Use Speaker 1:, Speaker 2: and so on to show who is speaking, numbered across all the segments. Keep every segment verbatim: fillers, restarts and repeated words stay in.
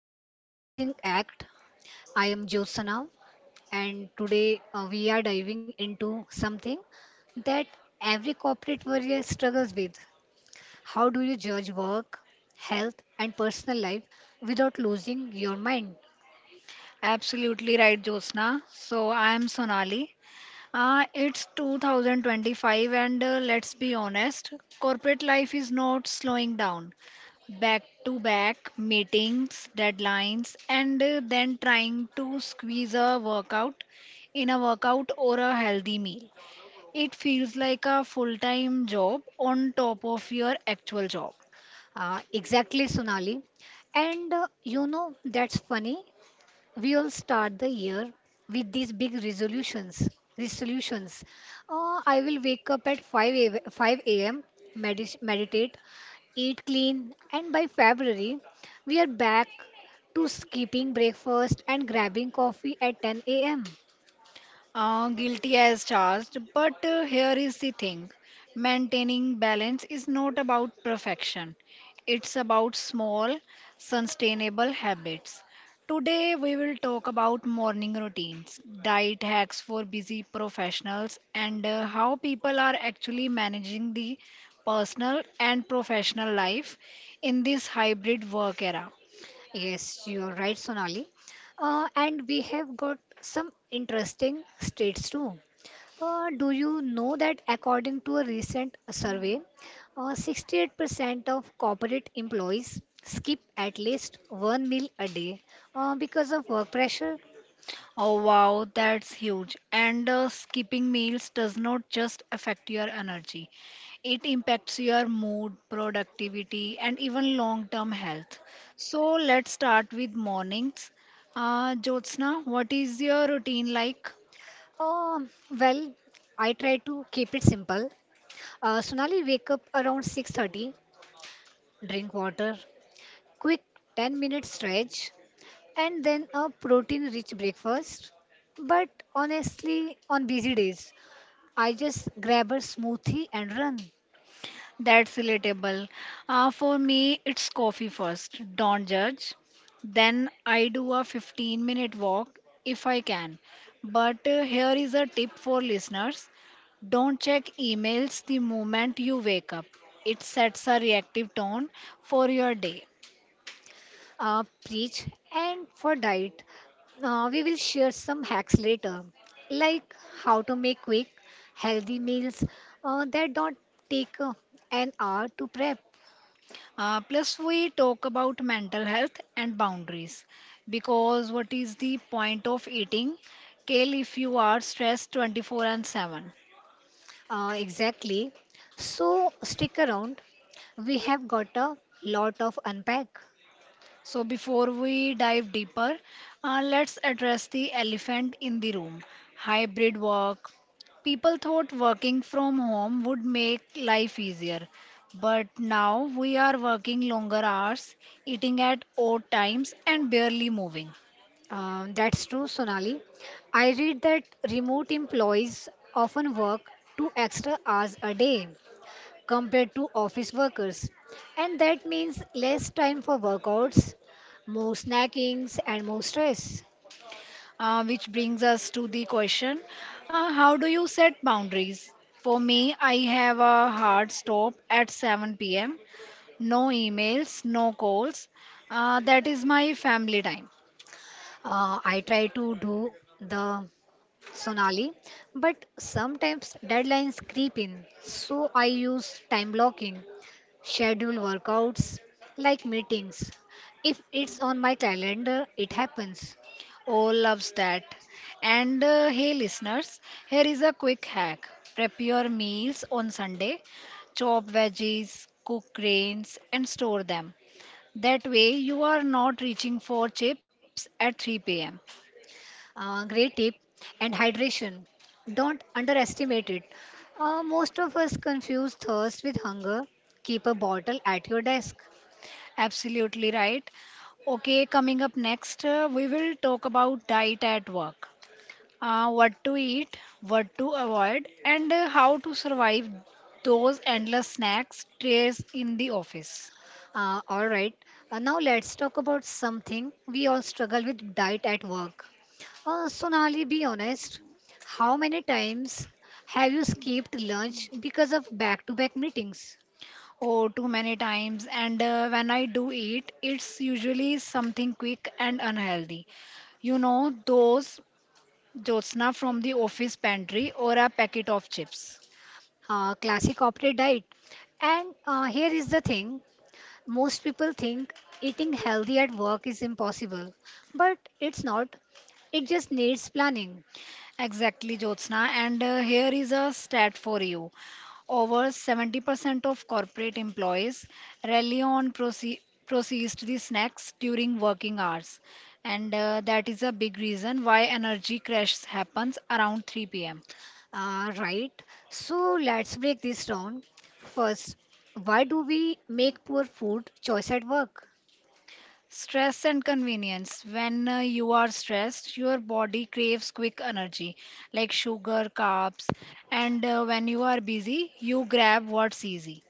Speaker 1: to Balancing Act. I am Jyotsana, and today uh, we are diving into something that every corporate warrior struggles with. How do you judge work, health, and personal life without losing your mind?
Speaker 2: Absolutely right, Jyotsna. So I'm Sonali. Uh, it's two thousand twenty-five, and uh, let's be honest, corporate life is not slowing down. Back to back meetings, deadlines, and uh, then trying to squeeze a workout in a workout or a healthy meal. It feels like a full time job on top of your actual job.
Speaker 1: Uh, exactly, Sonali. And uh, you know, that's funny we all start the year with these big resolutions resolutions uh, i will wake up at five a, m, five a m, medis- meditate, eat clean, and by February we are back to skipping breakfast and grabbing coffee at ten a m.
Speaker 2: Uh, guilty as charged, but uh, here is the thing maintaining balance is not about perfection, it's about small, sustainable habits. Today, we will talk about morning routines, diet hacks for busy professionals, and uh, how people are actually managing the personal and professional life in this hybrid work era.
Speaker 1: Yes, you are right, Sonali. Uh, and we have got some interesting states too. Uh, do you know that according to a recent survey, uh, sixty-eight percent of corporate employees skip at least one meal a day uh, because of work pressure?
Speaker 2: Oh wow, that's huge. And uh, skipping meals does not just affect your energy, it impacts your mood, productivity, and even long term health. So let's start with mornings. Uh, Jyotsna, what is your routine like?
Speaker 1: Um well, I try to keep it simple. Uh, Sonali, wake up around six thirty, drink water, quick ten minute stretch, and then a protein rich breakfast. But honestly, on busy days, I just grab a smoothie and run.
Speaker 2: That's relatable. Uh, for me, it's coffee first. Don't judge. Then I do a fifteen minute walk if I can. But uh, here is a tip for listeners, don't check emails the moment you wake up, it sets a reactive tone for your day.
Speaker 1: Uh, preach. And for diet, uh, we will share some hacks later, like how to make quick, healthy meals uh, that don't take uh, an hour to prep.
Speaker 2: Uh, plus, we talk about mental health and boundaries because what is the point of eating kale if you are stressed twenty four seven?
Speaker 1: Uh, exactly. So stick around. We have got a lot of unpack.
Speaker 2: So, before we dive deeper, uh, let's address the elephant in the room, hybrid work. People thought working from home would make life easier, but now we are working longer hours, eating at odd times, and barely moving.
Speaker 1: Uh, that's true, Sonali. I read that remote employees often work two extra hours a day compared to office workers, and that means less time for workouts, more snackings, and more stress.
Speaker 2: Uh, which brings us to the question, uh, how do you set boundaries? For me, I have a hard stop at seven p m, no emails, no calls. Uh, that is my family time.
Speaker 1: Uh, I try to do the Sonali, but sometimes deadlines creep in, so I use time blocking, schedule workouts like meetings if it's on my calendar, it happens.
Speaker 2: Oh, loves that. And uh, hey, listeners, here is a quick hack. Prep your meals on Sunday, chop veggies, cook grains, and store them. That way, you are not reaching for chips at three p m.
Speaker 1: Uh, great tip. And hydration, don't underestimate it. Uh, most of us confuse thirst with hunger. Keep a bottle at your desk.
Speaker 2: Absolutely right. Okay, coming up next, uh, we will talk about diet at work. Uh, what to eat, what to avoid, and uh, how to survive those endless snacks trays in the office.
Speaker 1: Uh, all right. Uh, now let's talk about something we all struggle with: diet at work. Uh, Sonali, be honest. How many times have you skipped lunch because of back to back meetings?
Speaker 2: Oh, too many times. And uh, when I do eat, it's usually something quick and unhealthy. You know, those Jyotsna from the office pantry or a packet of chips.
Speaker 1: Uh, classic corporate diet. And uh, here is the thing: most people think eating healthy at work is impossible, but it's not. It just needs planning.
Speaker 2: Exactly, Jyotsna. And uh, here is a stat for you. Over seventy percent of corporate employees rely on proce- processed the snacks during working hours. And uh, that is a big reason why energy crash happens around three p m.
Speaker 1: Uh, right, so let's break this down. First, why do we make poor food choice at work?
Speaker 2: Stress and convenience. When uh, you are stressed, your body craves quick energy like sugar, carbs, and uh, when you are busy, you grab what's easy.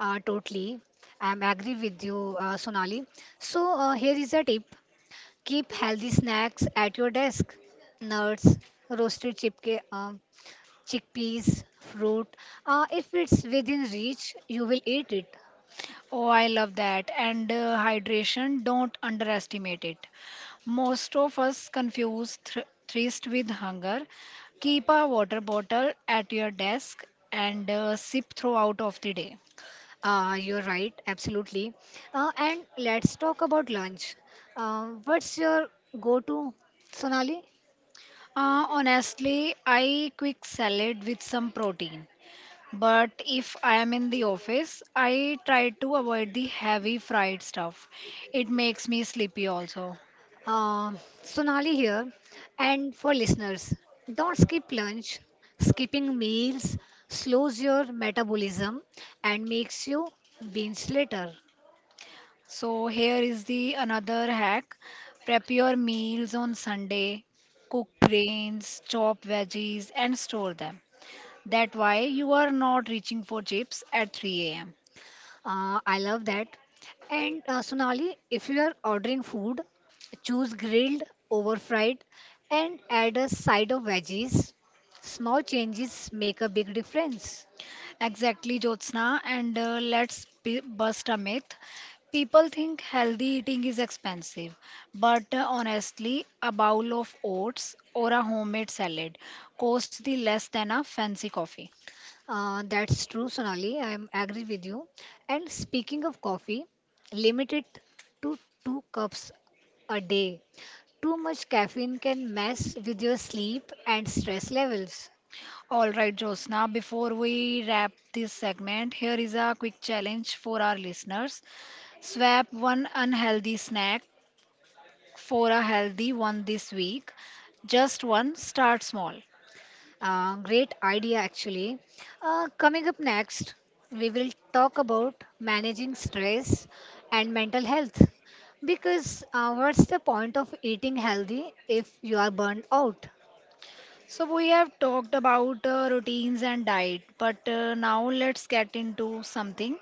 Speaker 1: Uh, totally, I'm agree with you, uh, Sonali. So uh, here is a tip: keep healthy snacks at your desk. Nuts, roasted chipke, um, chickpeas, fruit. Uh, if it's within reach, you will eat it.
Speaker 2: Oh, I love that. And uh, hydration, don't underestimate it. Most of us confuse thr thirst with hunger. Keep a water bottle at your desk and uh, sip throughout of the day.
Speaker 1: Uh, you're right, absolutely. Uh, and let's talk about lunch. Uh, what's your go-to, Sonali?
Speaker 2: Uh, honestly, I quick salad with some protein. But if I am in the office, I try to avoid the heavy fried stuff. It makes me sleepy also.
Speaker 1: Uh, Sonali here. And for listeners, don't skip lunch. Skipping meals slows your metabolism and makes you binge later.
Speaker 2: So here is the another hack. Prep your meals on Sunday, cook grains, chop veggies and store them. That way you are not reaching for chips at three a m.
Speaker 1: Uh, I love that. And uh, Sonali, if you are ordering food, choose grilled over fried and add a side of veggies. Small changes make a big difference.
Speaker 2: Exactly, Jyotsna. And uh, let's b- bust a myth. People think healthy eating is expensive, but uh, honestly, a bowl of oats or a homemade salad costs the less than a fancy coffee.
Speaker 1: Uh, that's true, Sonali. I am agree with you. And speaking of coffee, limit it to two cups a day. Too much caffeine can mess with your sleep and stress levels.
Speaker 2: All right, Jyotsna, before we wrap this segment, here is a quick challenge for our listeners. Swap one unhealthy snack for a healthy one this week. Just one, start small.
Speaker 1: Uh, great idea, actually. Uh, coming up next, we will talk about managing stress and mental health. Because uh, what's the point of eating healthy if you are burned out?
Speaker 2: So we have talked about uh, routines and diet, but uh, now let's get into something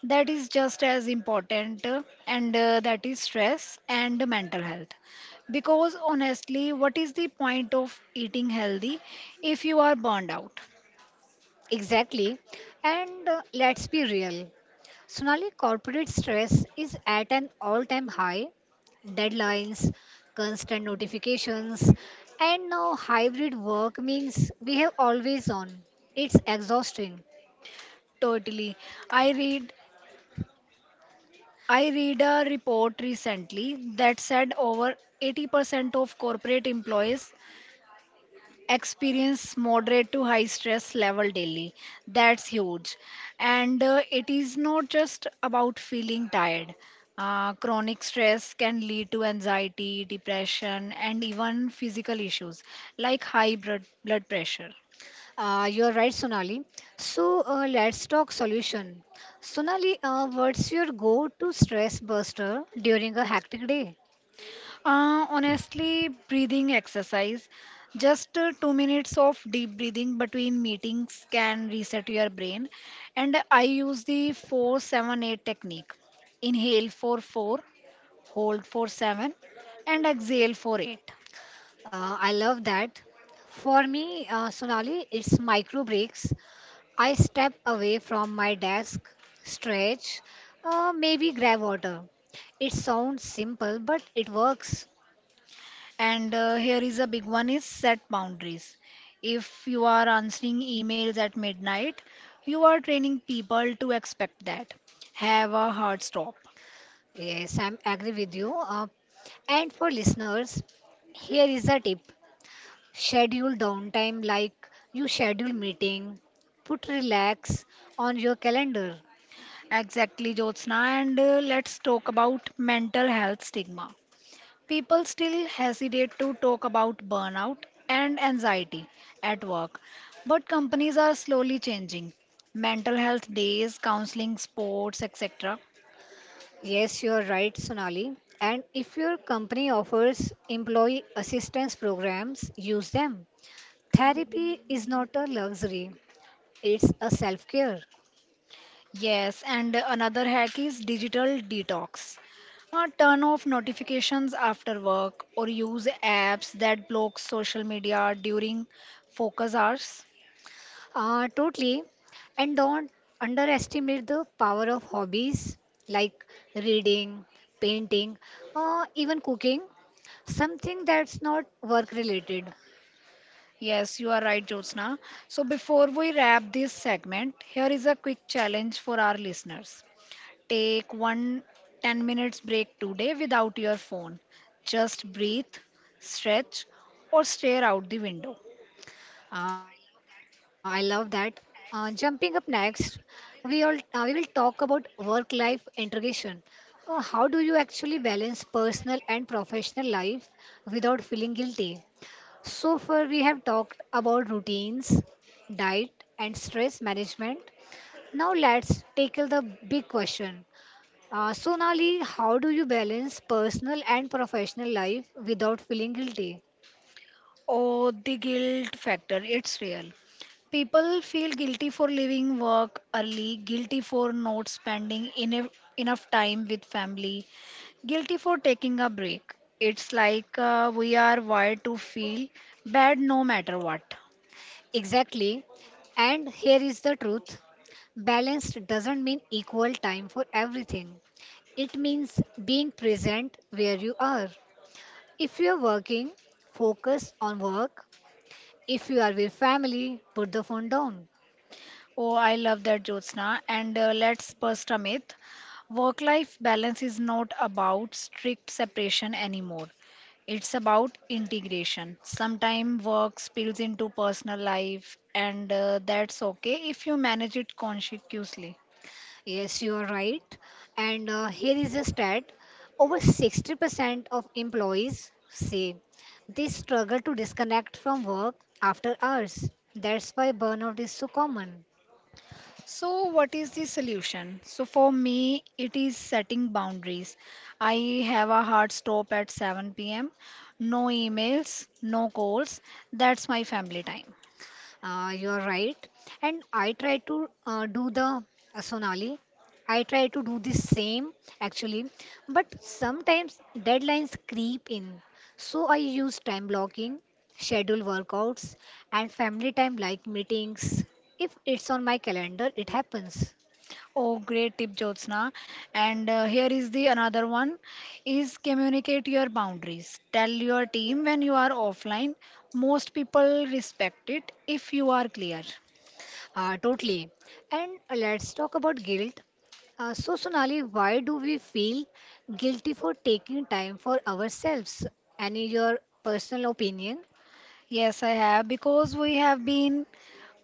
Speaker 2: that is just as important, uh, and uh, that is stress and mental health. Because honestly, what is the point of eating healthy if you are burned out?
Speaker 1: Exactly. And uh, let's be real. Sonali, corporate stress is at an all time high. Deadlines, constant notifications, and now hybrid work means we have always on. It's exhausting.
Speaker 2: Totally. I read I read a report recently that said over eighty percent of corporate employees experience moderate to high stress level daily. That's huge. And uh, it is not just about feeling tired. uh, chronic stress can lead to anxiety, depression, and even physical issues like high blood, blood pressure.
Speaker 1: Uh, you're right, Sonali. So uh, let's talk solution. Sonali, uh, what's your go-to stress buster during a hectic day?
Speaker 2: uh, honestly, breathing exercise, just uh, two minutes of deep breathing between meetings can reset your brain. And I use the four seven eight technique, inhale for four, hold for seven, and exhale for eight.
Speaker 1: Uh, I love that. For me, uh, Sonali, it's micro breaks. I step away from my desk, stretch, uh, maybe grab water. It sounds simple, but it works.
Speaker 2: And uh, here is a big one, is set boundaries. If you are answering emails at midnight, you are training people to expect that. Have a hard stop.
Speaker 1: Yes, I'm agree with you. Uh, and for listeners, here is a tip. Schedule downtime like you schedule meeting. Put relax on your calendar.
Speaker 2: Exactly, Jyotsna. And uh, let's talk about mental health stigma. People still hesitate to talk about burnout and anxiety at work, but companies are slowly changing. Mental health days, counseling, sports, etc.
Speaker 1: Yes, you are right, Sonali. And if your company offers employee assistance programs, use them. Therapy is not a luxury, it's a self care.
Speaker 2: Yes, and another hack is digital detox. Uh, turn off notifications after work or use apps that block social media during focus hours.
Speaker 1: Uh, totally. And don't underestimate the power of hobbies like reading, painting, or even cooking something that's not work related.
Speaker 2: Yes, you are right, Jyotsna. So, before we wrap this segment, here is a quick challenge for our listeners. Take one ten minutes break today without your phone. Just breathe, stretch, or stare out the window.
Speaker 1: Uh, I love that. Uh, jumping up next, we all uh, we will talk about work-life integration. Uh, how do you actually balance personal and professional life without feeling guilty? So far, we have talked about routines, diet, and stress management. Now let's tackle the big question. Uh, Sonali, how do you balance personal and professional life without feeling guilty?
Speaker 2: Oh, the guilt factor, it's real. People feel guilty for leaving work early, guilty for not spending enough, enough time with family, guilty for taking a break. It's like uh, we are wired to feel bad no matter what.
Speaker 1: Exactly. And here is the truth: balanced doesn't mean equal time for everything, it means being present where you are. If you are working, focus on work. If you are with family, put the phone down.
Speaker 2: Oh, I love that, Jyotsna. And uh, let's bust a myth. Work life balance is not about strict separation anymore. It's about integration. Sometimes work spills into personal life, and uh, that's okay if you manage it consciously.
Speaker 1: Yes, you are right. And uh, here is a stat: over sixty percent of employees say they struggle to disconnect from work after hours. That's why burnout is so common.
Speaker 2: So, what is the solution? So, for me, it is setting boundaries. I have a hard stop at seven p m, no emails, no calls. That's my family time.
Speaker 1: Uh, you are right. And I try to uh, do the uh, Sonali, I try to do the same actually, but sometimes deadlines creep in. So I use time blocking, schedule workouts, and family time like meetings. If it's on my calendar, it happens.
Speaker 2: Oh, great tip, Jyotsna. And uh, here is the another one, is communicate your boundaries. Tell your team when you are offline. Most people respect it if you are clear.
Speaker 1: Uh, totally. And let's talk about guilt. Uh, so, Sonali, why do we feel guilty for taking time for ourselves? Any your personal opinion?
Speaker 2: Yes, I have because we have been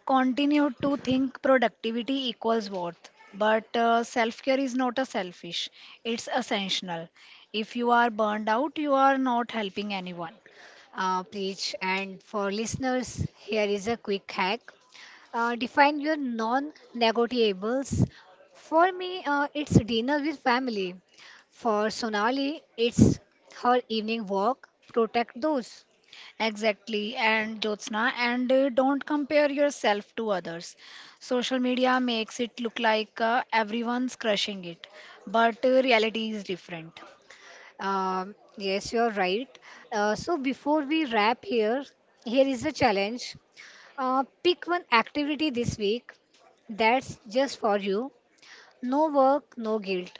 Speaker 2: continued to think productivity equals worth. But uh, self-care is not a selfish, it's essential. If you are burned out, you are not helping anyone.
Speaker 1: uh, Preach. And for listeners, here is a quick hack. Uh, define your non negotiables. For me, uh, it's dinner with family. For Sonali, it's her evening walk. Protect those.
Speaker 2: Exactly, and Jyotsna, and uh, don't compare yourself to others. Social media makes it look like uh, everyone's crushing it, but uh, reality is different.
Speaker 1: Um, yes, you're right. Uh, so before we wrap here, here is a challenge. Uh, pick one activity this week that's just for you. No work, no guilt.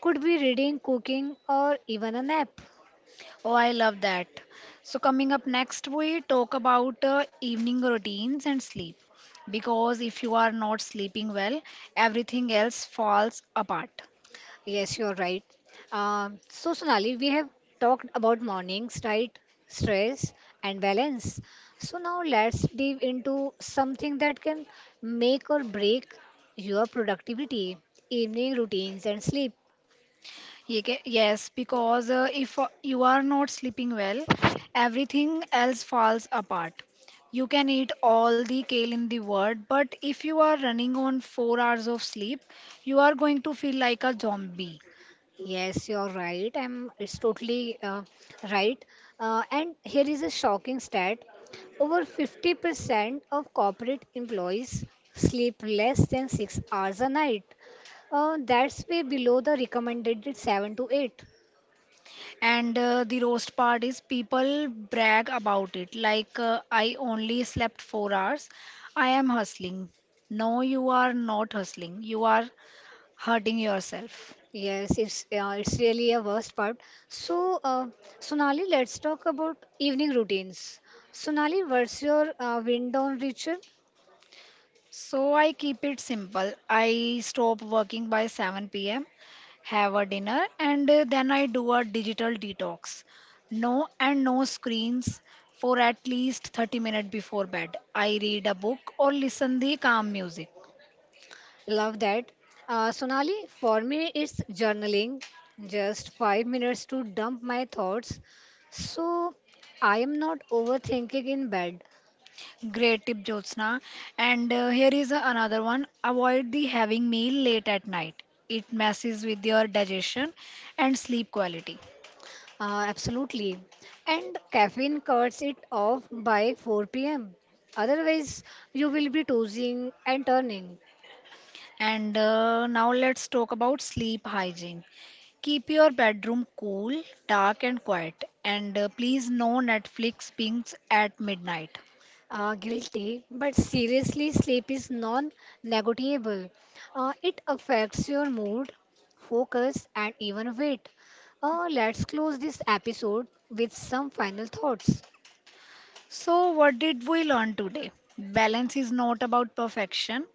Speaker 1: Could be reading, cooking, or even a nap.
Speaker 2: Oh, I love that. So, coming up next, we talk about uh, evening routines and sleep. Because if you are not sleeping well, everything else falls apart.
Speaker 1: Yes, you're right. Um, so, Sonali, we have talked about mornings, right? Stress and balance. So, now let's dive into something that can make or break your productivity: evening routines and sleep.
Speaker 2: Ye- ge- Yes, because uh, if uh, you are not sleeping well, everything else falls apart. You can eat all the kale in the world, but if you are running on four hours of sleep, you are going to feel like a zombie.
Speaker 1: Yes, you're right. I'm. It's totally uh, right. Uh, and here is a shocking stat. Over fifty percent of corporate employees sleep less than six hours a night. Uh, that's way below the recommended seven to eight.
Speaker 2: And uh, the roast part is people brag about it, like uh, I only slept four hours. I am hustling. No, you are not hustling. You are hurting yourself.
Speaker 1: Yes, it's uh, it's really a worst part. So, uh, Sonali, let's talk about evening routines. Sonali, what's your uh, wind down ritual?
Speaker 2: So I keep it simple. I stop working by seven p m, have a dinner, and uh, then I do a digital detox. No and no screens for at least thirty minutes before bed. I read a book or listen the calm music.
Speaker 1: Love that. Uh, Sonali, for me, it's journaling, just five minutes to dump my thoughts. So I am not overthinking in bed.
Speaker 2: Great tip, Jyotsna. And uh, here is another one. Avoid the having meal late at night. It messes with your digestion and sleep quality.
Speaker 1: Uh, absolutely. And caffeine cuts it off by four p m. Otherwise, you will be tossing and turning.
Speaker 2: And uh, now let's talk about sleep hygiene. Keep your bedroom cool, dark, and quiet. And uh, please, no Netflix pings at midnight.
Speaker 1: Uh, guilty, but seriously, sleep is non negotiable. Uh, it affects your mood, focus, and even weight. Uh, let's close this episode with some final thoughts.
Speaker 2: So, what did we learn today? Balance is not about perfection,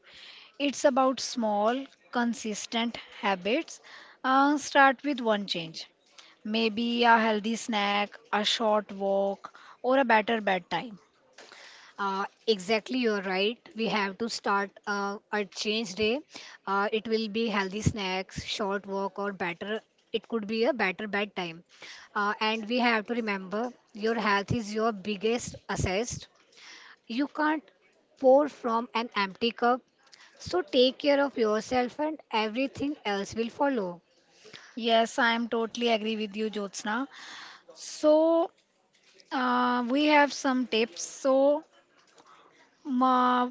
Speaker 2: it's about small, consistent habits. Uh, start with one change, maybe a healthy snack, a short walk, or a better bedtime.
Speaker 1: Uh, exactly, you're right. We have to start uh, a change day. Uh, it will be healthy snacks, short walk, or better. It could be a better bedtime. Uh, and we have to remember your health is your biggest asset. You can't pour from an empty cup. So take care of yourself and everything else will follow.
Speaker 2: Yes, I am totally agree with you, Jyotsna. So, Uh, we have some tips. So, ma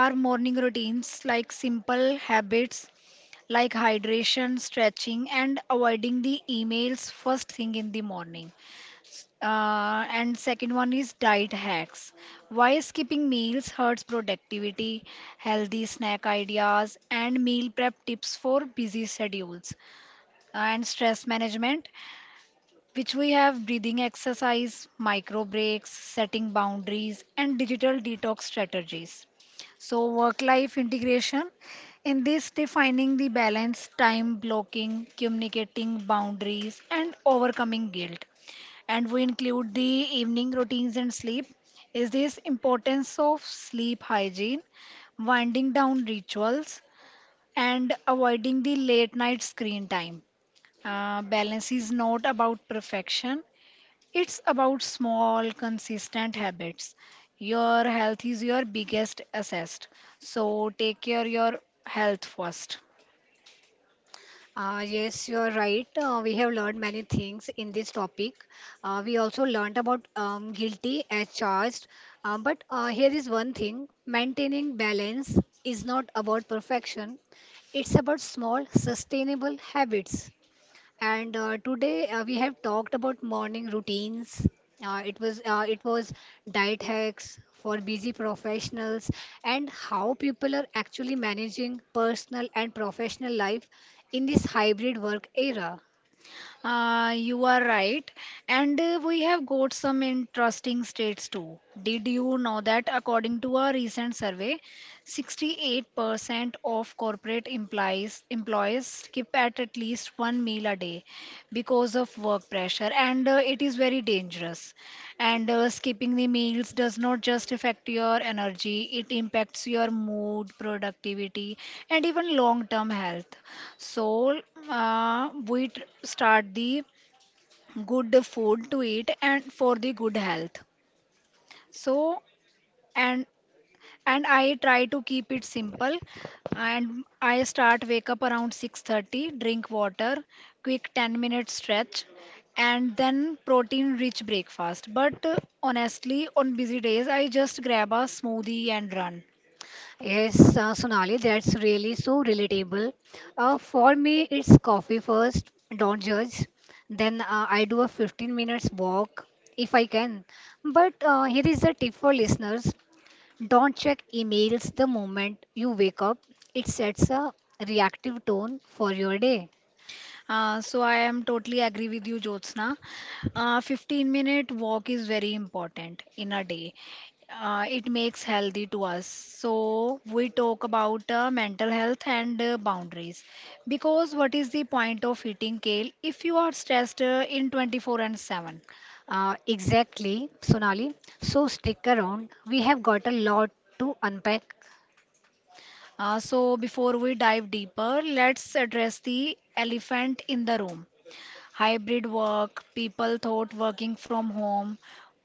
Speaker 2: our morning routines, like simple habits like hydration, stretching, and avoiding the emails first thing in the morning. Uh, and second one is diet hacks. Why skipping meals hurts productivity, healthy snack ideas, and meal prep tips for busy schedules. And stress management, which we have breathing exercise, micro breaks, setting boundaries, and digital detox strategies. So, work life integration, in this, defining the balance, time blocking, communicating boundaries, and overcoming guilt. And we include the evening routines and sleep. Is this importance of sleep hygiene, winding down rituals, and avoiding the late night screen time? Uh, balance is not about perfection, it's about small, consistent habits. Your health is your biggest asset. So take care your health first.
Speaker 1: Uh, yes, you are right. Uh, we have learned many things in this topic. Uh, we also learned about um, guilty as charged. Uh, but uh, here is one thing: maintaining balance is not about perfection, it's about small, sustainable habits. And uh, today uh, we have talked about morning routines. Uh, it was uh, it was diet hacks for busy professionals and how people are actually managing personal and professional life in this hybrid work era.
Speaker 2: Uh, you are right. And uh, we have got some interesting states too. Did you know that according to a recent survey, sixty-eight percent of corporate employees employees skip at at least one meal a day because of work pressure, and uh, it is very dangerous. And uh, skipping the meals does not just affect your energy, it impacts your mood, productivity, and even long-term health. So uh, we tr- start the good food to eat and for the good health. So, and and I try to keep it simple and I start wake up around six thirty, drink water, quick ten minute stretch and then protein rich breakfast. But uh, honestly on busy days I just grab a smoothie and run.
Speaker 1: Yes, uh, Sonali, that's really so relatable. Uh, for me, it's coffee first, don't judge. Then uh, I do a fifteen minutes walk if I can. But uh, here is a tip for listeners: don't check emails the moment you wake up. It sets a reactive tone for your day.
Speaker 2: Uh, so I am totally agree with you, Jyotsna. Uh, fifteen minute walk is very important in a day. Uh, it makes healthy to us. So we talk about uh, mental health and uh, boundaries because what is the point of eating kale if you are stressed uh, in twenty four seven?
Speaker 1: Uh, exactly, Sonali. So stick around. We have got a lot to unpack.
Speaker 2: Uh, so before we dive deeper, let's address the elephant in the room. Hybrid work, people thought working from home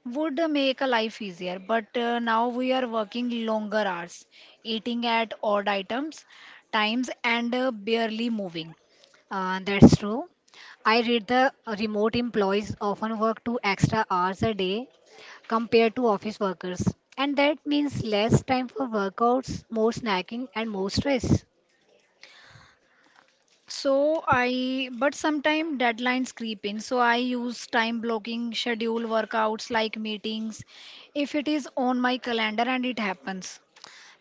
Speaker 2: would make a life easier, but uh, now we are working longer hours, eating at odd items, times, and uh, barely moving.
Speaker 1: Uh, that's true. I read the remote employees often work two extra hours a day compared to office workers. And that means less time for workouts, more snacking, and more stress.
Speaker 2: So I, but sometimes deadlines creep in. So I use time blocking, schedule workouts like meetings if it is on my calendar and it happens.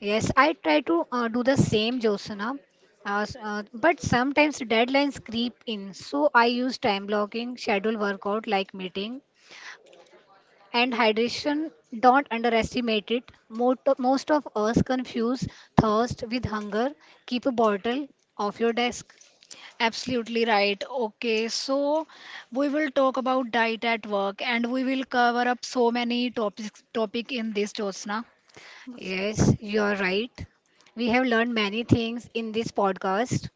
Speaker 1: Yes, I try to uh, do the same, Josana. Uh, s- uh, but sometimes deadlines creep in, so I use time blocking, schedule workout like meeting, and hydration. Don't underestimate it. Most of, most of us confuse thirst with hunger. Keep a bottle off your desk.
Speaker 2: Absolutely right. Okay, so we will talk about diet at work and we will cover up so many topics topic in this, Jyotsna.
Speaker 1: Yes, you are right. We have learned many things in this podcast.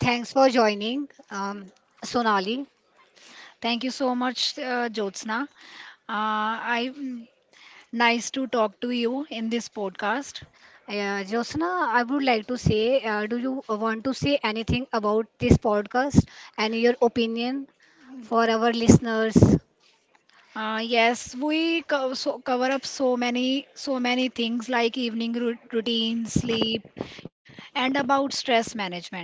Speaker 1: Thanks for joining, um, Sonali.
Speaker 2: Thank you so much, uh, Jyotsna. Uh, I nice to talk to you in this podcast.
Speaker 1: Yeah, Jyotsna, I would like to say, uh, do you want to say anything about this podcast and your opinion for our listeners?
Speaker 2: Uh, yes, we co so cover up so many so many things like evening rou- routine, sleep, and about stress management.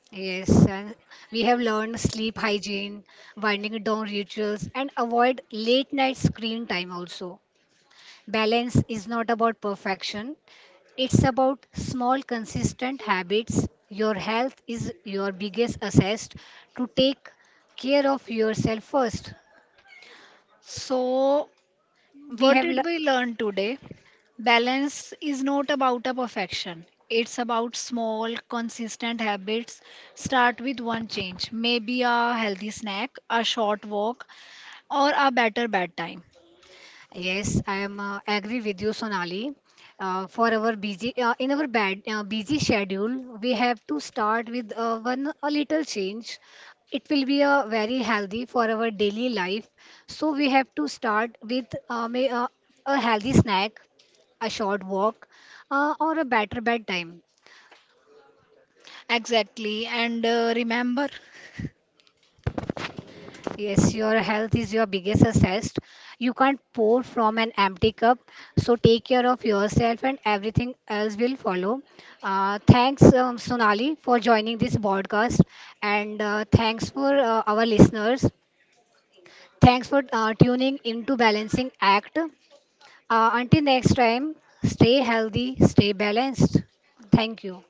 Speaker 1: Yes, and we have learned sleep hygiene, winding down rituals, and avoid late night screen time also. Balance is not about perfection, it's about small, consistent habits. Your health is your biggest asset to take care of yourself first.
Speaker 2: So,
Speaker 1: We
Speaker 2: what
Speaker 1: have
Speaker 2: did
Speaker 1: learned.
Speaker 2: we learn today? Balance is not about a perfection. It's about small, consistent habits. Start with one change, maybe a healthy snack, a short walk, or a better bedtime.
Speaker 1: Yes, I am uh, agree with you, Sonali. Uh, for our busy uh, in our bad uh, busy schedule, we have to start with uh, one a little change. It will be uh, very healthy for our daily life. So we have to start with uh, may, uh, a healthy snack, a short walk, uh, or a better bedtime.
Speaker 2: Exactly. And uh, remember,
Speaker 1: Yes, your health is your biggest asset. You can't pour from an empty cup. So take care of yourself and everything else will follow. Uh, thanks, um, Sonali, for joining this podcast. And uh, thanks for uh, our listeners. Thanks for uh, tuning into Balancing Act. Uh, until next time, stay healthy, stay balanced. Thank you.